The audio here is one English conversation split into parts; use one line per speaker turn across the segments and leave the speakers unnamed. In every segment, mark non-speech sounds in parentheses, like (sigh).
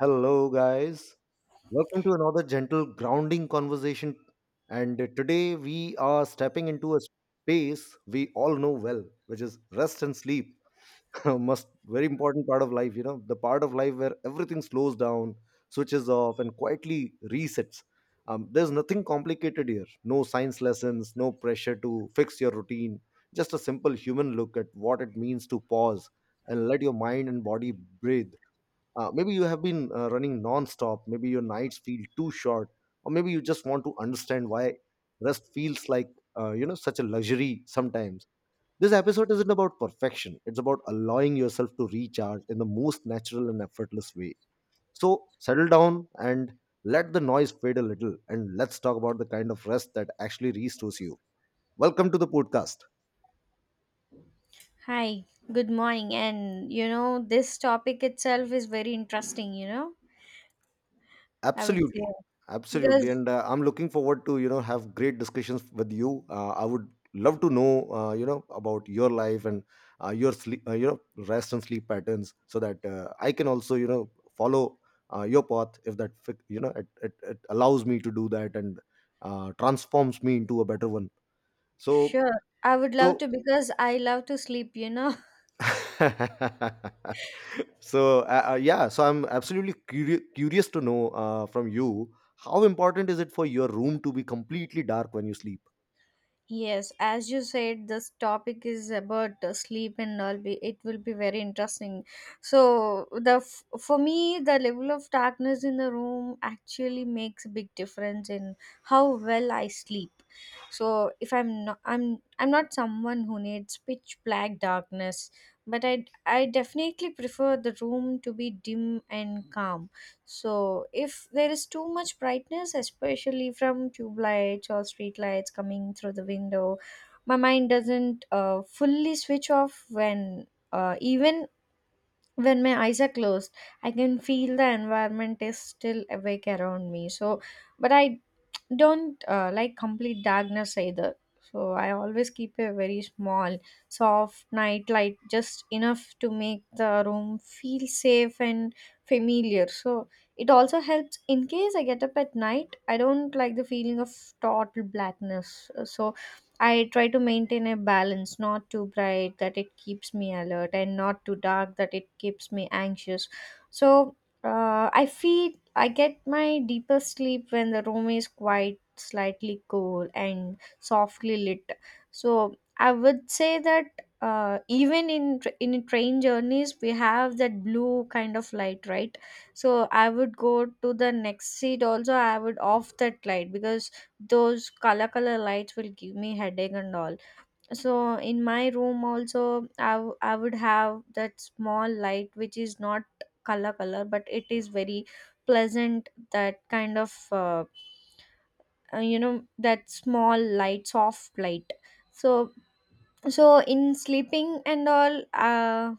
Hello, guys. Welcome to another gentle grounding conversation. And Today we are stepping into a space we all know well, which is rest and sleep. (laughs) Must very important part of life, you know, the part of life where everything slows down, switches off, and quietly resets. There's nothing complicated here. No science lessons, no pressure to fix your routine. Just a simple human look at what it means to pause and let your mind and body breathe. Maybe you have been running non-stop. Maybe your nights feel too short, or maybe you just want to understand why rest feels like, you know, such a luxury sometimes. This episode isn't about perfection. It's about allowing yourself to recharge in the most natural and effortless way. So settle down and let the noise fade a little, and let's talk about the kind of rest that actually restores you. Welcome to the podcast.
Hi, good morning. And you know, this topic itself is very interesting, you know, I would say.
Absolutely, absolutely,
Because,
and I'm looking forward to, you know, have great discussions with you. I would love to know, you know, about your life and your sleep, your rest and sleep patterns, so that I can also, you know, follow your path if that you know it allows me to do that and transforms me into a better one. So
sure, I would love
so
to, because I love to sleep, you know. (laughs)
(laughs) so yeah, so I'm absolutely curious to know, from you, how important is it for your room to be completely dark when you sleep?
Yes, as you said, this topic is about sleep and all. Be It will be very interesting. So for me, the level of darkness in the room actually makes a big difference in how well I sleep. So if I'm not, I'm not someone who needs pitch black darkness, but I definitely prefer the room to be dim and calm. So if there is too much brightness, especially from tube lights or street lights coming through the window, my mind doesn't fully switch off when, even when my eyes are closed. I can feel the environment is still awake around me. So but I don't like complete darkness either. So I always keep a very small, soft night light, just enough to make the room feel safe and familiar. So it also helps in case I get up at night. I don't like the feeling of total blackness. So I try to maintain a balance, not too bright that it keeps me alert, and not too dark that it keeps me anxious. So I feel I get my deepest sleep when the room is quite slightly cool and softly lit. So I would say that, even in in train journeys we have that blue kind of light, right? So I would go to the next seat also. I would off that light because those color color lights will give me headache and all. So in my room also I would have that small light which is not color color but it is very pleasant, that kind of you know, that small light, soft light. So so in sleeping and all,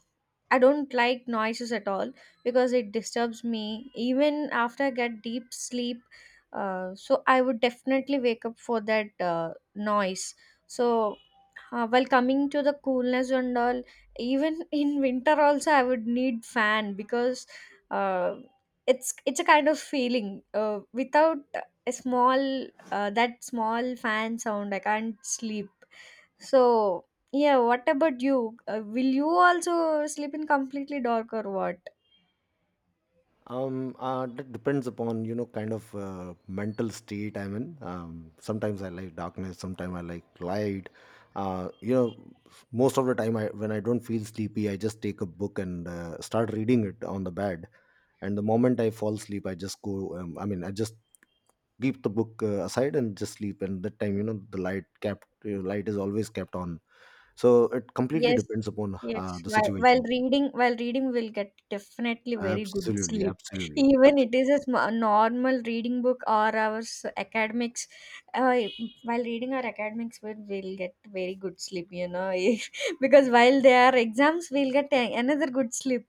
I don't like noises at all because it disturbs me even after I get deep sleep. So I would definitely wake up for that noise. So while coming to the coolness and all, even (laughs) in winter also I would need fan because, uh, it's a kind of feeling without a small, that small fan sound I can't sleep. So, yeah, what about you? Will you also sleep in completely dark or what?
That depends upon, you know, kind of mental state I'm in. Sometimes I like darkness, sometimes I like light. uh, you know Most of the time when I don't feel sleepy I just take a book and start reading it on the bed, and the moment I fall asleep I just go, I mean, I just keep the book aside and just sleep, and that time, you know, the light kept light is always kept on. So it completely
Yes,
depends upon
yes.
the situation.
While reading, we'll get definitely very good
Absolutely,
sleep. (laughs)
absolutely,
Even it
absolutely.
is a normal reading book or our academics. Uh, while reading our academics, we'll get very good sleep. You know, (laughs) because while there are exams, we'll get another good sleep.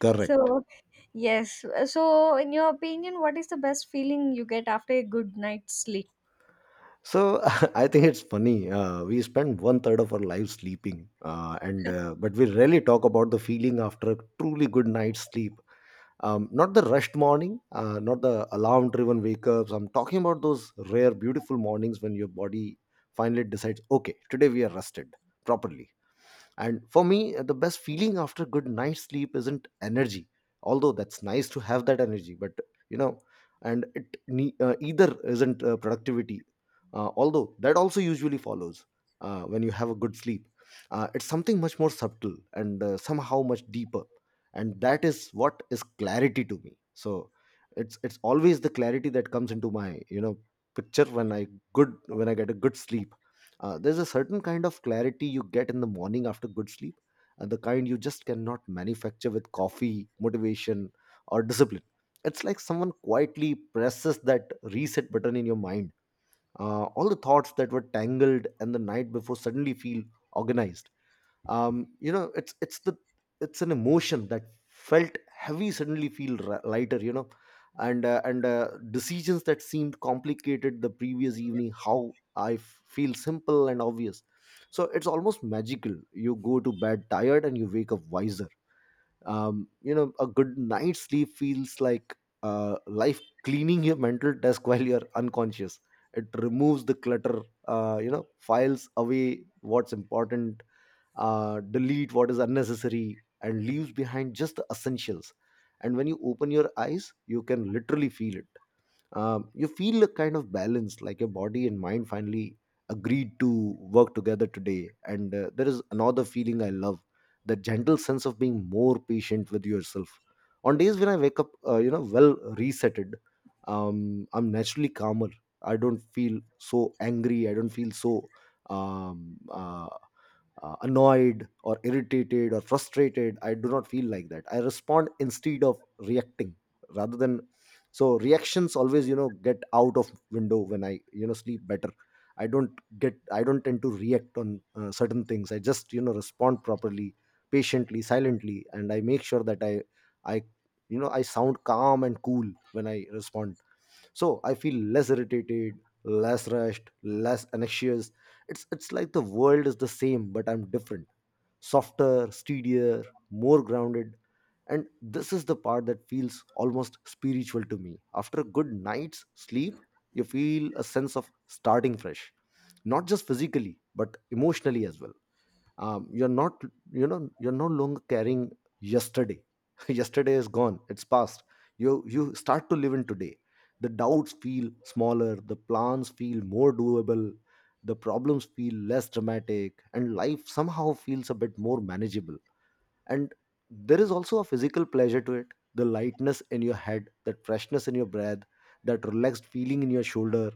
Correct.
So yes. So, in your opinion, what is the best feeling you get after a good night's sleep?
So (laughs) I think it's funny, we spend one third of our lives sleeping, and but we rarely talk about the feeling after a truly good night's sleep. Not the rushed morning, not the alarm driven wake ups. I'm talking about those rare beautiful mornings when your body finally decides, okay, today we are rested properly. And for me, the best feeling after good night's sleep isn't energy, although that's nice to have that energy, but, you know, and it either isn't productivity, although that also usually follows when you have a good sleep. It's something much more subtle and somehow much deeper, and that is what is clarity to me. So it's always the clarity that comes into my, you know, picture when I get a good sleep. There's a certain kind of clarity you get in the morning after good sleep, the kind you just cannot manufacture with coffee, motivation, or discipline. It's like someone quietly presses that reset button in your mind. All the thoughts that were tangled and the night before suddenly feel organized. You know, it's an emotion that felt heavy suddenly feel lighter, you know. And decisions that seemed complicated the previous evening how I feel simple and obvious. So it's almost magical, you go to bed tired and you wake up wiser. You know, a good night's sleep feels like life cleaning your mental desk while you're unconscious. It removes the clutter, you know, files away what's important, delete what is unnecessary, and leaves behind just the essentials. And when you open your eyes you can literally feel it. You feel a kind of balance, like your body and mind finally agreed to work together today. And there is another feeling I love, the gentle sense of being more patient with yourself. On days when I wake up, you know, well resetted, I'm naturally calmer. I don't feel so angry, I don't feel so, um, uh, annoyed or irritated or frustrated. I do not feel like that. I respond instead of reacting rather than, so reactions always, you know, get out of window when I, you know, sleep better. I don't get i don't tend to react on certain things. I just, you know, respond properly, patiently, silently, and I make sure that I, you know, I sound calm and cool when I respond. So I feel less irritated, less rushed, less anxious. It's like the world is the same but I'm different, softer, steadier, more grounded. And this is the part that feels almost spiritual to me. After a good night's sleep, you feel a sense of starting fresh, not just physically but emotionally as well. You're not, you know, you're no longer carrying yesterday. (laughs) Yesterday is gone, it's past. You start to live in today. The doubts feel smaller, the plans feel more doable, the problems feel less dramatic, and life somehow feels a bit more manageable. And there is also a physical pleasure to it, the lightness in your head, that freshness in your breath, that relaxed feeling in your shoulder.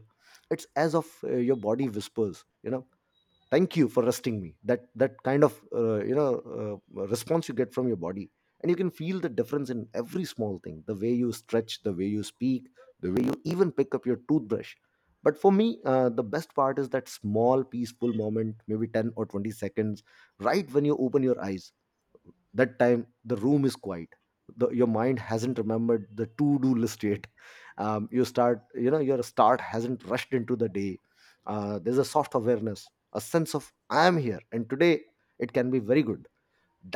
It's as of your body whispers, you know, thank you for resting me. That that kind of, you know, response you get from your body. And you can feel the difference in every small thing, the way you stretch, the way you speak, the way you even pick up your toothbrush. But for me, the best part is that small peaceful moment, maybe 10 or 20 seconds right when you open your eyes. That time the room is quiet, your mind hasn't remembered the to-do list yet. You start you know your start hasn't rushed into the day. There's a soft awareness, a sense of I am here and today. It can be very good.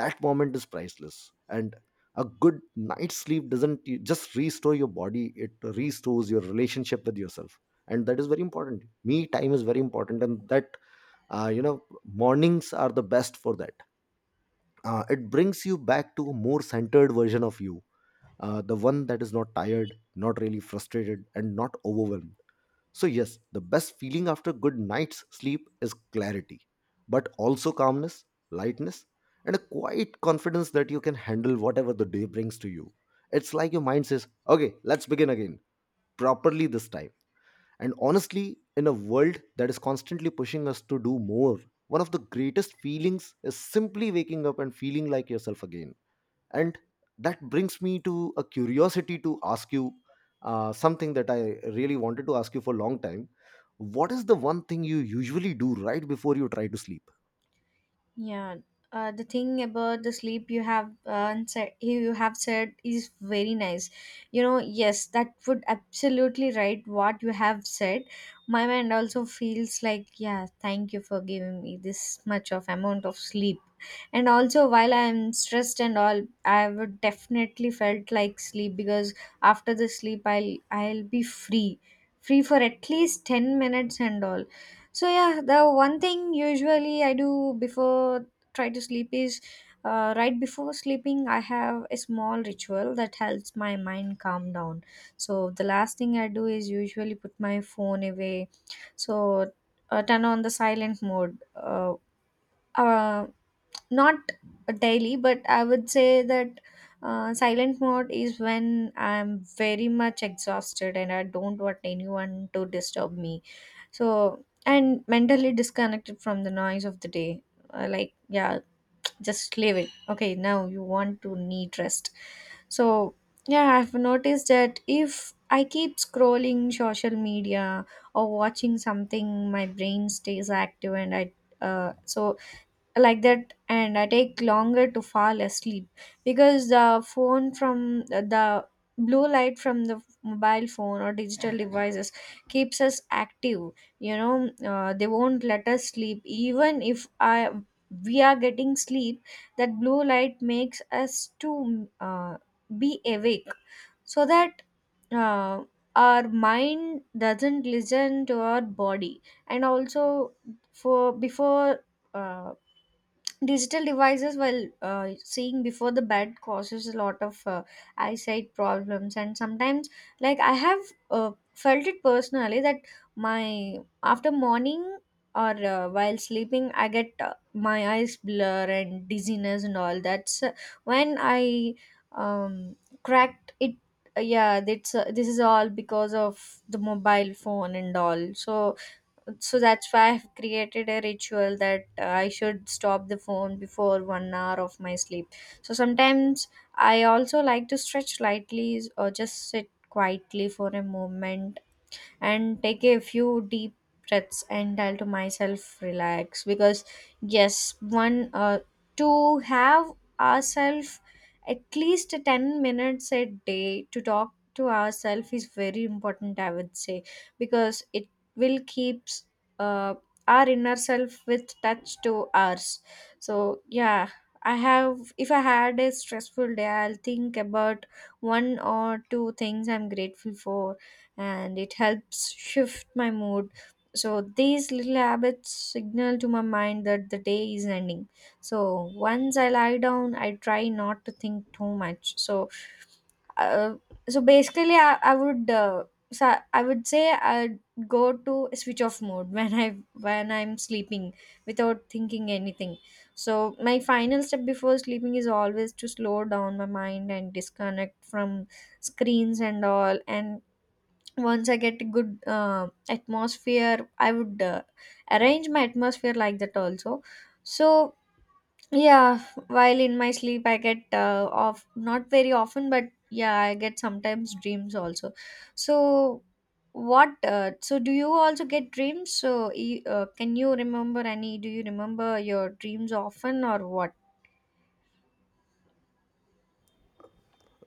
That moment is priceless. And a good night's sleep doesn't just restore your body, it restores your relationship with yourself. And that is very important. Me time is very important, and that, you know, mornings are the best for that. It brings you back to a more centered version of you, the one that is not tired, not really frustrated, and not overwhelmed. So yes, the best feeling after a good night's sleep is clarity, but also calmness, lightness, and a quiet confidence that you can handle whatever the day brings to you. It's like your mind says, okay, let's begin again, properly this time. And honestly, in a world that is constantly pushing us to do more, one of the greatest feelings is simply waking up and feeling like yourself again. And that brings me to a curiosity to ask you something that I really wanted to ask you for a long time. What is the one thing you usually do right before you try to sleep?
Yeah, the thing about the sleep you have said is very nice. You know, yes, that would absolutely right what you have said. My mind also feels like, yeah, thank you for giving me this much of amount of sleep. And also, while I'm stressed and all, I would definitely felt like sleep because after the sleep, I'll be free, free for at least 10 minutes and all. So yeah, the one thing usually I do before try to sleep is, right before sleeping I have a small ritual that helps my mind calm down. So the last thing I do is usually put my phone away. So turn on the silent mode. Uh, Not daily, but I would say that, silent mode is when I'm very much exhausted and I don't want anyone to disturb me. So and mentally disconnected from the noise of the day. Like yeah, just leave it, okay now you want to need rest. So yeah, I've noticed that if I keep scrolling social media or watching something my brain stays active and I so like that, and I take longer to fall asleep because the phone from the, blue light from the mobile phone or digital devices keeps us active, you know. They won't let us sleep even if I, we are getting sleep. That blue light makes us to, be awake. So that uh, our mind doesn't listen to our body. And also for before, uh, digital devices while seeing before the bed causes a lot of eyesight problems, and sometimes like I have felt it personally that my, after morning or, while sleeping I get my eyes blur and dizziness and all. That's when I um, cracked it. Yeah that's, this is all because of the mobile phone and all. So so that's why I've created a ritual that I should stop the phone before 1 hour of my sleep. So sometimes I also like to stretch lightly or just sit quietly for a moment and take a few deep breaths and tell to myself relax, because yes one, to have ourselves at least 10 minutes a day to talk to ourselves is very important I would say, because it will keeps, uh, our inner self with touch to ours. So yeah, I have if I had a stressful day I'll think about one or two things I'm grateful for, and it helps shift my mood. So these little habits signal to my mind that the day is ending. So once I lie down, I try not to think too much. So uh, so basically I would say I'd go to a switch off mode (laughs) when I'm sleeping without thinking anything. So my final step before sleeping is always to slow down my mind and disconnect from screens and all. And once I get a good atmosphere I would arrange my atmosphere like that also. So yeah, while in my sleep I get off not very often, but yeah I get sometimes dreams also. So what, so do you also get dreams? So can you remember any, do you remember your dreams often or what?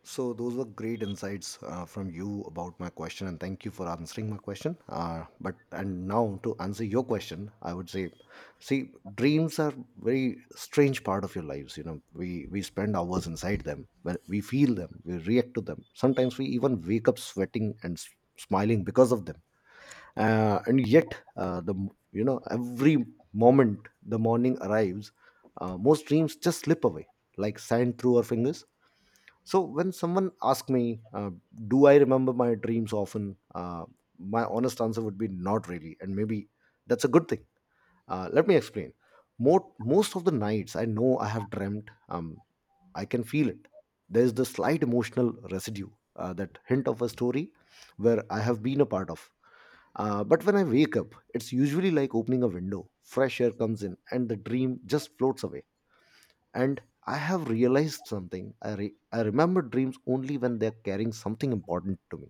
So those were great insights from you about my question, and thank you for answering my question. But and now to answer your question, I would say, see, dreams are very strange part of your lives. You know, we spend hours inside them. When we feel them, we react to them. Sometimes we even wake up sweating and smiling because of them. And yet, you know, every moment the morning arrives, most dreams just slip away like sand through our fingers. So when someone asks me, "Do I remember my dreams often?" My honest answer would be not really, and maybe that's a good thing. Let me explain. Most of the nights I know I have dreamt. I can feel it. There is the slight emotional residue, that hint of a story where I have been a part of. But when I wake up, it's usually like opening a window. Fresh air comes in, and the dream just floats away. And I have realized something I remember dreams only when they're carrying something important to me.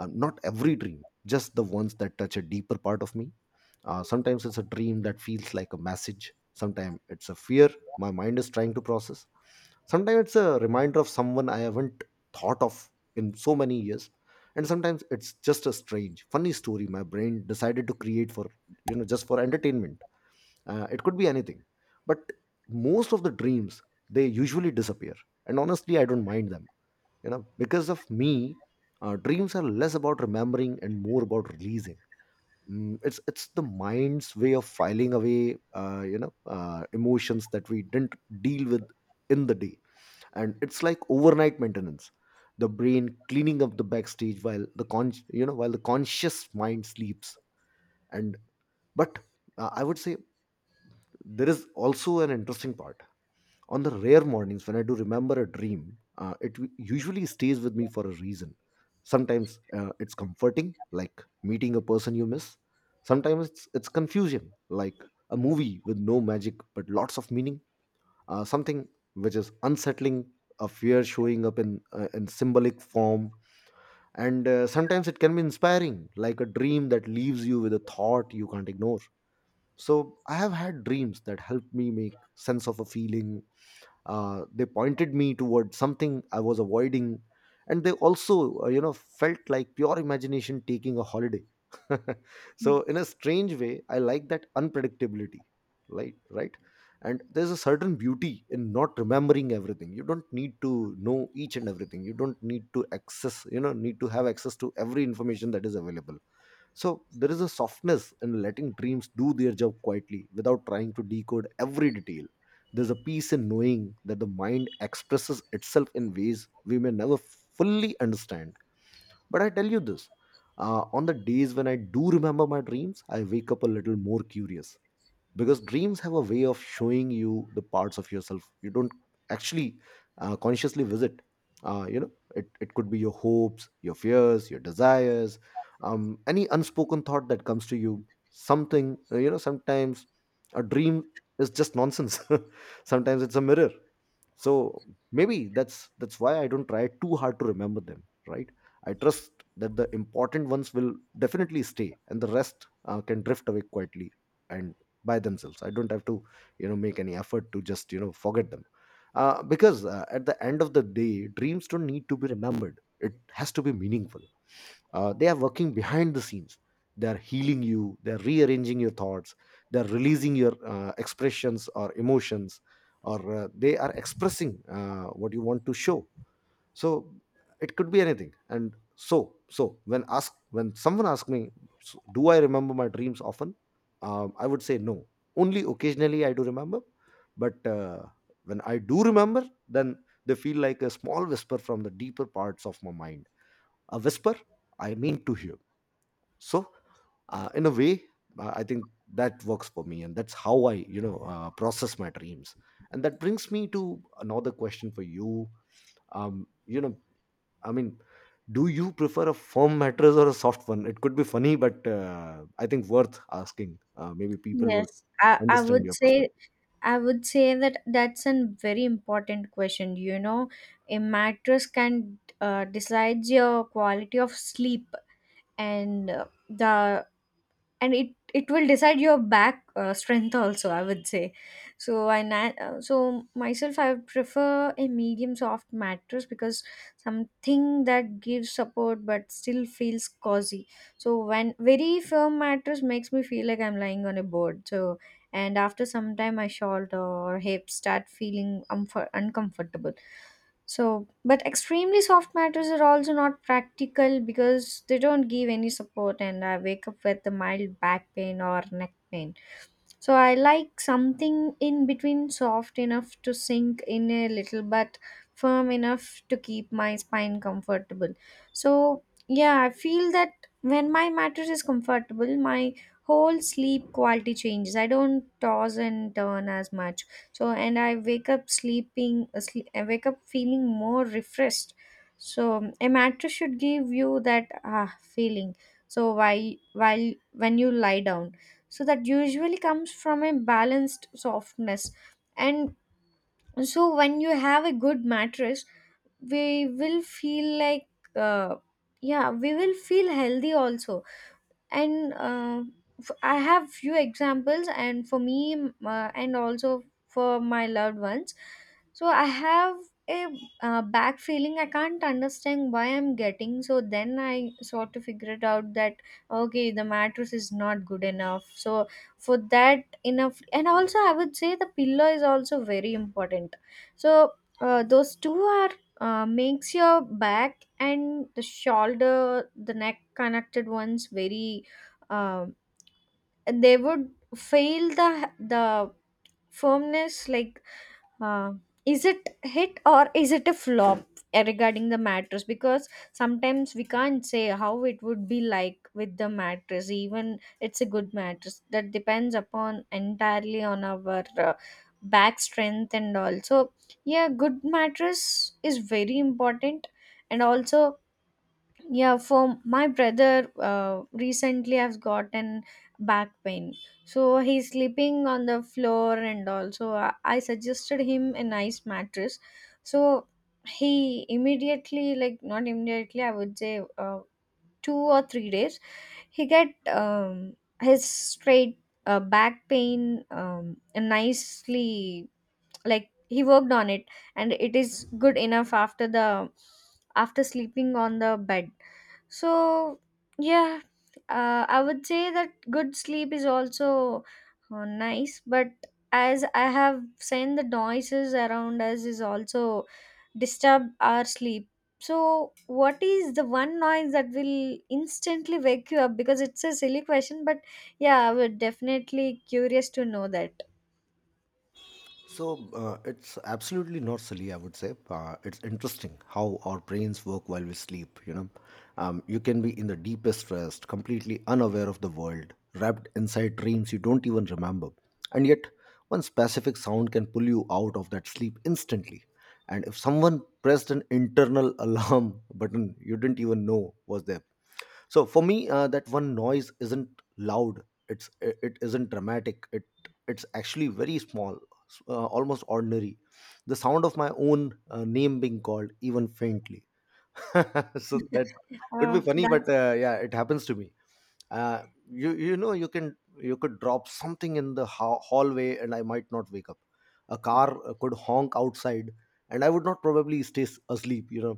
Not every dream, just the ones that touch a deeper part of me. Sometimes it's a dream that feels like a message. Sometimes it's a fear my mind is trying to process. Sometimes it's a reminder of someone I haven't thought of in so many years. And sometimes it's just a strange funny story my brain decided to create for, just for entertainment. It could be anything. But most of the dreams, they usually disappear, and honestly, I don't mind them, you know, because of me. Dreams are less about remembering and more about releasing. It's the mind's way of filing away emotions that we didn't deal with in the day. And it's like overnight maintenance, the brain cleaning up the backstage while the conscious mind sleeps. And but uh, I would say there is also an interesting part. On the rare mornings when I do remember a dream, it usually stays with me for a reason. Sometimes, it's comforting, like meeting a person you miss. Sometimes it's confusing, like a movie with no magic but lots of meaning. Something which is unsettling, a fear showing up in symbolic form. And sometimes it can be inspiring, like a dream that leaves you with a thought you can't ignore. So I have had dreams that helped me make sense of a feeling. They pointed me toward something I was avoiding, and they also felt like pure imagination taking a holiday. (laughs) So in a strange way I like that unpredictability. Right, right. And there's a certain beauty in not remembering everything, you don't need to know each and everything, you don't need to access, you know, need to have access to every information that is available. So there is a softness in letting dreams do their job quietly without trying to decode every detail. There's a peace in knowing that the mind expresses itself in ways we may never fully understand. But I tell you this. On the days when I do remember my dreams, I wake up a little more curious, because dreams have a way of showing you the parts of yourself you don't actually consciously visit. It could be your hopes, your fears, your desires, any unspoken thought that comes to you, something, sometimes a dream is just nonsense. (laughs) Sometimes it's a mirror. So maybe that's why I don't try too hard to remember them, right? I trust that the important ones will definitely stay, and the rest can drift away quietly and by themselves. I don't have to, make any effort to just forget them. Because at the end of the day, dreams don't need to be remembered, it has to be meaningful. They are working behind the scenes, they are healing you, they are rearranging your thoughts, they are releasing your expressions or emotions, or they are expressing what you want to show. So it could be anything. And when someone asks me, "So, do I remember my dreams often?" I would say no, only occasionally I do remember. But when I do remember, then they feel like a small whisper from the deeper parts of my mind, a whisper I mean to hear. So in a way, I think that works for me, and that's how I process my dreams. And that brings me to another question for you. You know I mean, do you prefer a firm mattress or a soft one? It could be funny, but I think worth asking. Maybe people will
yes i i
understand
would
your
say
perspective.
I would say that that's a very important question. You know, a mattress can decides your quality of sleep, and the and it will decide your back strength also I would say. So so myself I prefer a medium soft mattress because something that gives support but still feels cozy. So when very firm mattress makes me feel like I'm lying on a board. So and after some time my shoulder or hips start feeling uncomfortable. So, but extremely soft matters are also not practical because they don't give any support, and I wake up with a mild back pain or neck pain. So I like something in between, soft enough to sink in a little but firm enough to keep my spine comfortable. So yeah, I feel that when my mattress is comfortable, my whole sleep quality changes. I don't toss and turn as much. So and I wake up sleeping asleep, I wake up feeling more refreshed. So a mattress should give you that ah feeling. So why while when you lie down, so that usually comes from a balanced softness. And so when you have a good mattress we will feel like, uh, yeah, we will feel healthy also. And I have few examples, and for me and also for my loved ones. So I have a, back feeling I can't understand why I'm getting so, then I sort of figured out that okay the mattress is not good enough. So for that enough, and also I would say the pillow is also very important. So those two are, makes your back and the shoulder, the neck connected ones very, um, they would fail the, firmness, like, uh, is it hit or is it a flop, regarding the mattress, because sometimes we can't say how it would be like with the mattress even it's a good mattress, that depends upon entirely on our back strength. And also yeah, good mattress is very important. And also yeah, for my brother, recently I've gotten back pain. So he's sleeping on the floor, and also I suggested him a nice mattress. So he immediately, like not immediately, I would say 2 or 3 days, he get his straight back pain nicely, like he worked on it, and it is good enough after the, after sleeping on the bed. So, yeah, I would say that good sleep is also nice, but as I have seen, the noises around us is also disturb our sleep. So, what is the one noise that will instantly wake you up? Because it's a silly question, but yeah, I would definitely curious to know that.
So it's absolutely not silly, I would say. It's interesting how our brains work while we sleep. You know, you can be in the deepest rest, completely unaware of the world, wrapped inside dreams you don't even remember, and yet one specific sound can pull you out of that sleep instantly. And if someone pressed an internal (laughs) alarm button you didn't even know was there, so for me, that one noise isn't loud, it isn't dramatic, it's actually very small, almost ordinary, the sound of my own name being called, even faintly. (laughs) So that
(laughs)
could be
Oh,
funny, but
that's
yeah, it happens to me. uh, you could drop something in the hallway, and I might not wake up. A car could honk outside, and I would not probably stay asleep, you know.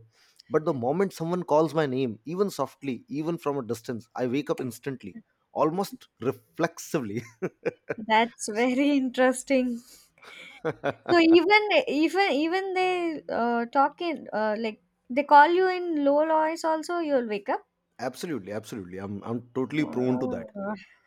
But the moment someone calls my name, even softly, even from a distance, I wake up instantly, almost reflexively. (laughs)
very interesting. So even they talk in like they call you in low voice also you'll wake up.
Absolutely, absolutely, I'm totally prone to
Wow.
that.
(laughs)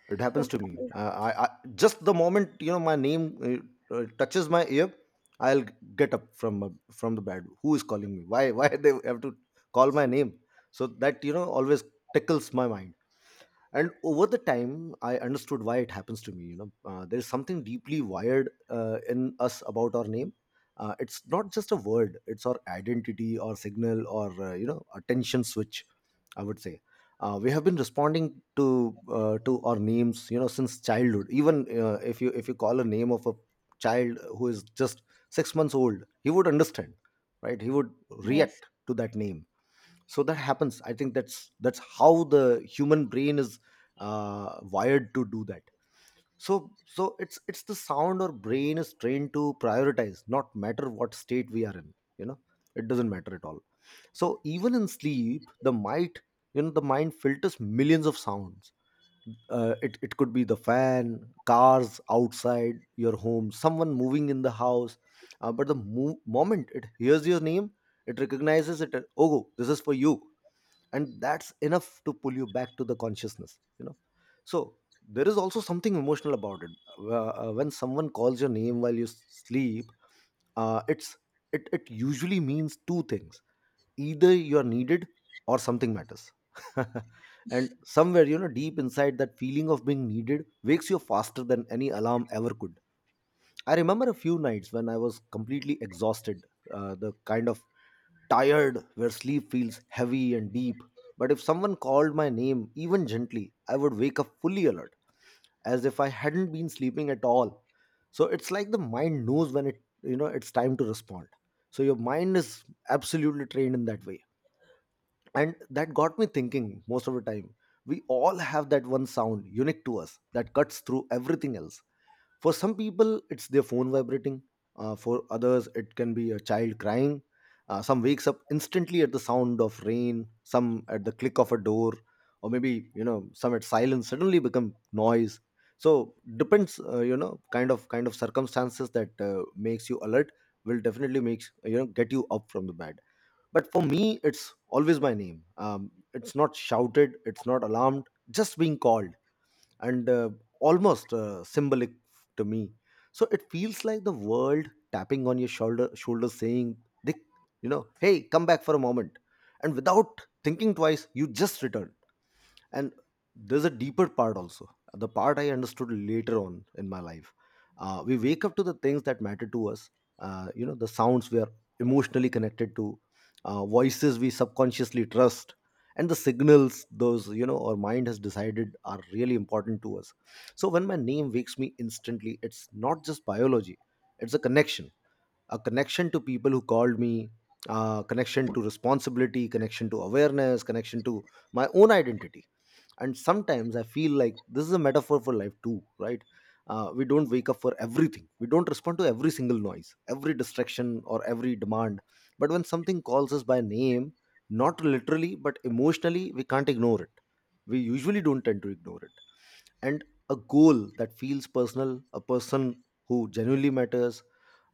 It happens to me.
Okay.
I Just the moment, my name touches my ear. I'll get up from the bed. Who is calling me? Why (laughs) why they have to call my name? So that, always tickles my mind. And over the time I understood why it happens to me. There is something deeply wired, in us about our name. It's not just a word, it's our identity or signal or attention switch, I would say. We have been responding to our names, you know, since childhood. Even if you call a name of a child who is just 6 months old, he would understand, right? He would
Yes.
react to that name. So that happens. I think that's how the human brain is wired to do that. So it's the sound our brain is trained to prioritize, not matter what state we are in, you know. It doesn't matter at all. So even in sleep, the mind, the mind filters millions of sounds. It could be the fan, cars outside your home, someone moving in the house. But the moment it hears your name, it recognizes it. Oh, this is for you. And that's enough to pull you back to the consciousness, you know. So there is also something emotional about it. When someone calls your name while you sleep, uh, it's it usually means two things: either you are needed, or something matters. (laughs) And somewhere, you know, deep inside, that feeling of being needed wakes you faster than any alarm ever could. I remember a few nights when I was completely exhausted, the kind of tired, where sleep feels heavy and deep. But if someone called my name, even gently, I would wake up fully alert, as if I hadn't been sleeping at all. So it's like the mind knows when it, you know, it's time to respond. So your mind is absolutely trained in that way. And that got me thinking most of the time. We all have that one sound unique to us that cuts through everything else. For some people, it's their phone vibrating. For others, it can be a child crying. Some wakes up instantly at the sound of rain, some at the click of a door, or maybe, you know, some at silence suddenly become noise. So depends, you know, kind of circumstances that makes you alert, will definitely makes, get you up from the bed. But for me, it's always my name. It's not shouted, it's not alarmed, just being called and almost symbolic to me. So it feels like the world tapping on your shoulder, saying, "Dick, you know, hey, come back for a moment." And without thinking twice, you just return. And there's a deeper part also, the part I understood later on in my life. We wake up to the things that matter to us, the sounds we are emotionally connected to, voices we subconsciously trust, and the signals, those, you know, our mind has decided are really important to us. So when my name wakes me instantly, it's not just biology, it's a connection, a connection to people who called me, connection to responsibility, connection to awareness, connection to my own identity. And sometimes I feel like this is a metaphor for life too, right? We don't wake up for everything, we don't respond to every single noise, every distraction, or every demand. But when something calls us by name, not literally but emotionally, we can't ignore it. We usually don't tend to ignore it. And a goal that feels personal, a person who genuinely matters,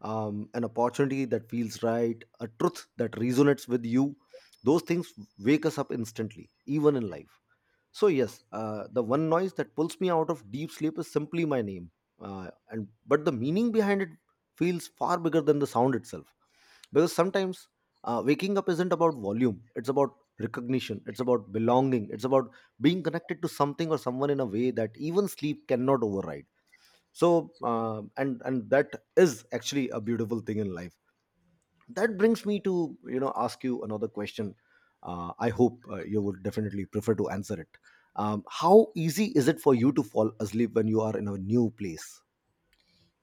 an opportunity that feels right, a truth that resonates with you, those things wake us up instantly, even in life. So yes, the one noise that pulls me out of deep sleep is simply my name, and but the meaning behind it feels far bigger than the sound itself. Because sometimes, waking up isn't about volume; it's about recognition, it's about belonging, it's about being connected to something or someone in a way that even sleep cannot override. And that is actually a beautiful thing in life. That brings me to, you know, ask you another question. I hope you would definitely prefer to answer it. How easy is it for you to fall asleep when you are in a new place?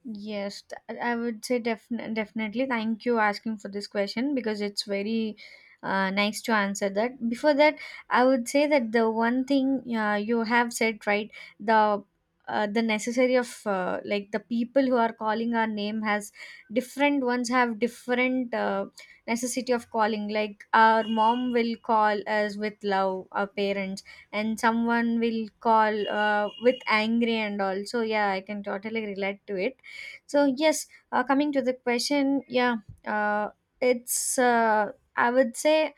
Yes, I would say definitely. Thank you asking for this question because it's very nice to answer that. Before that, I would say that the one thing you have said right, the the necessary of like the people who are calling our name has different ones, have different necessity of calling. Like our mom will call us with love, our parents, and someone will call with angry and all. So yeah, I can totally relate to it. So yes, coming to the question, yeah, uh, it's I would say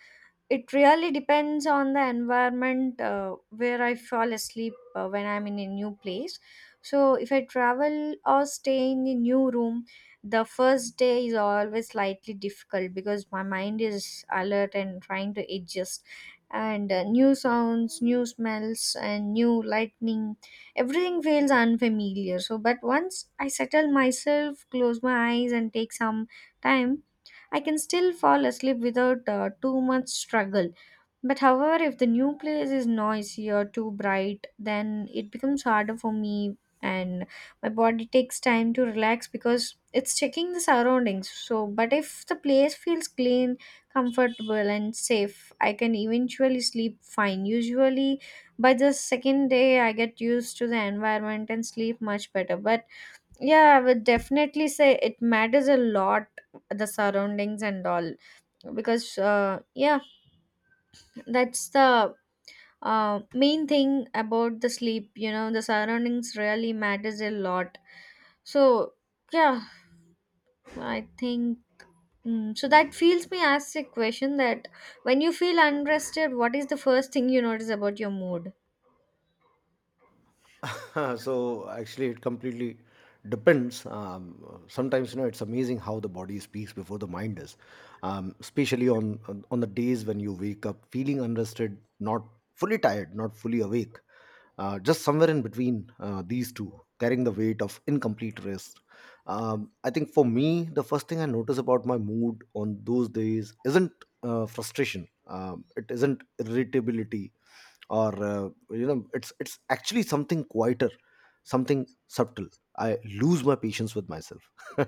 it really depends on the environment where I fall asleep when I'm in a new place. So, if I travel or stay in a new room, the first day is always slightly difficult because my mind is alert and trying to adjust. And new sounds, new smells, and new lightning, everything feels unfamiliar. So, but once I settle myself, close my eyes, and take some time, I can still fall asleep without too much struggle. But however, if the new place is noisy or too bright, then it becomes harder for me, and my body takes time to relax because it's checking the surroundings. So, but if the place feels clean, comfortable and safe, I can eventually sleep fine. Usually by the second day I get used to the environment and sleep much better. But yeah, I would definitely say it matters a lot, the surroundings and all. Because, yeah, that's the main thing about the sleep. You know, the surroundings really matters a lot. So, yeah, I think. Mm, so that feels me ask a question that when you feel unrested, what is the first thing you notice about your mood?
(laughs) So actually it completely depends. Sometimes, you know, it's amazing how the body speaks before the mind is. Especially on the days when you wake up feeling unrested, not fully tired, not fully awake, just somewhere in between these two, carrying the weight of incomplete rest. I think for me the first thing I notice about my mood on those days isn't frustration, it isn't irritability, or it's actually something quieter, something subtle. I lose my patience with myself. (laughs)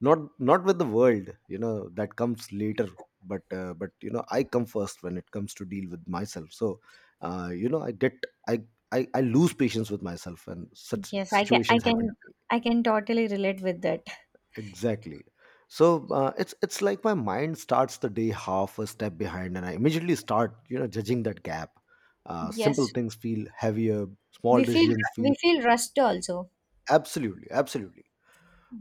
Not, not with the world, you know, that comes later. But you know, I come first when it comes to deal with myself. So I get, I, I lose patience with myself, and such
Yes,
situations happen.
I can totally relate with that.
Exactly. So it's like my mind starts the day half a step behind, and I immediately start, you know, judging that gap. Simple
Yes,
things feel heavier, small
we feel
decisions feel.
we feel rushed also.
Absolutely, absolutely,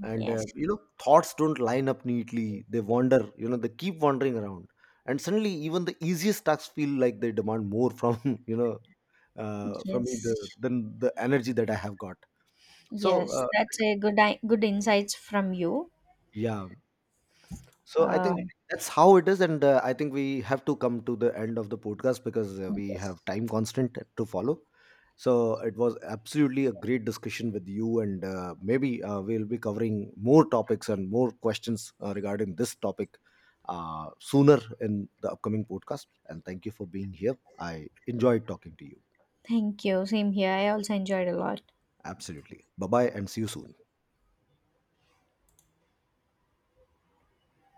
and
Yes.
thoughts don't line up neatly. They wander, you know, they keep wandering around, and suddenly even the easiest tasks feel like they demand more from, (laughs) from me
Yes,
than the energy that I have got. So
yes,
uh,
that's a good insights from you.
yeah, so I
Uh,
think that's how it is, and I think we have to come to the end of the podcast because we
yes,
have time constant to follow. So it was absolutely a great discussion with you, and maybe we'll be covering more topics and more questions regarding this topic sooner in the upcoming podcast. And thank you for being here. I enjoyed talking to you.
thank you. Same here. I also enjoyed a lot.
Absolutely. Bye bye, and see you soon.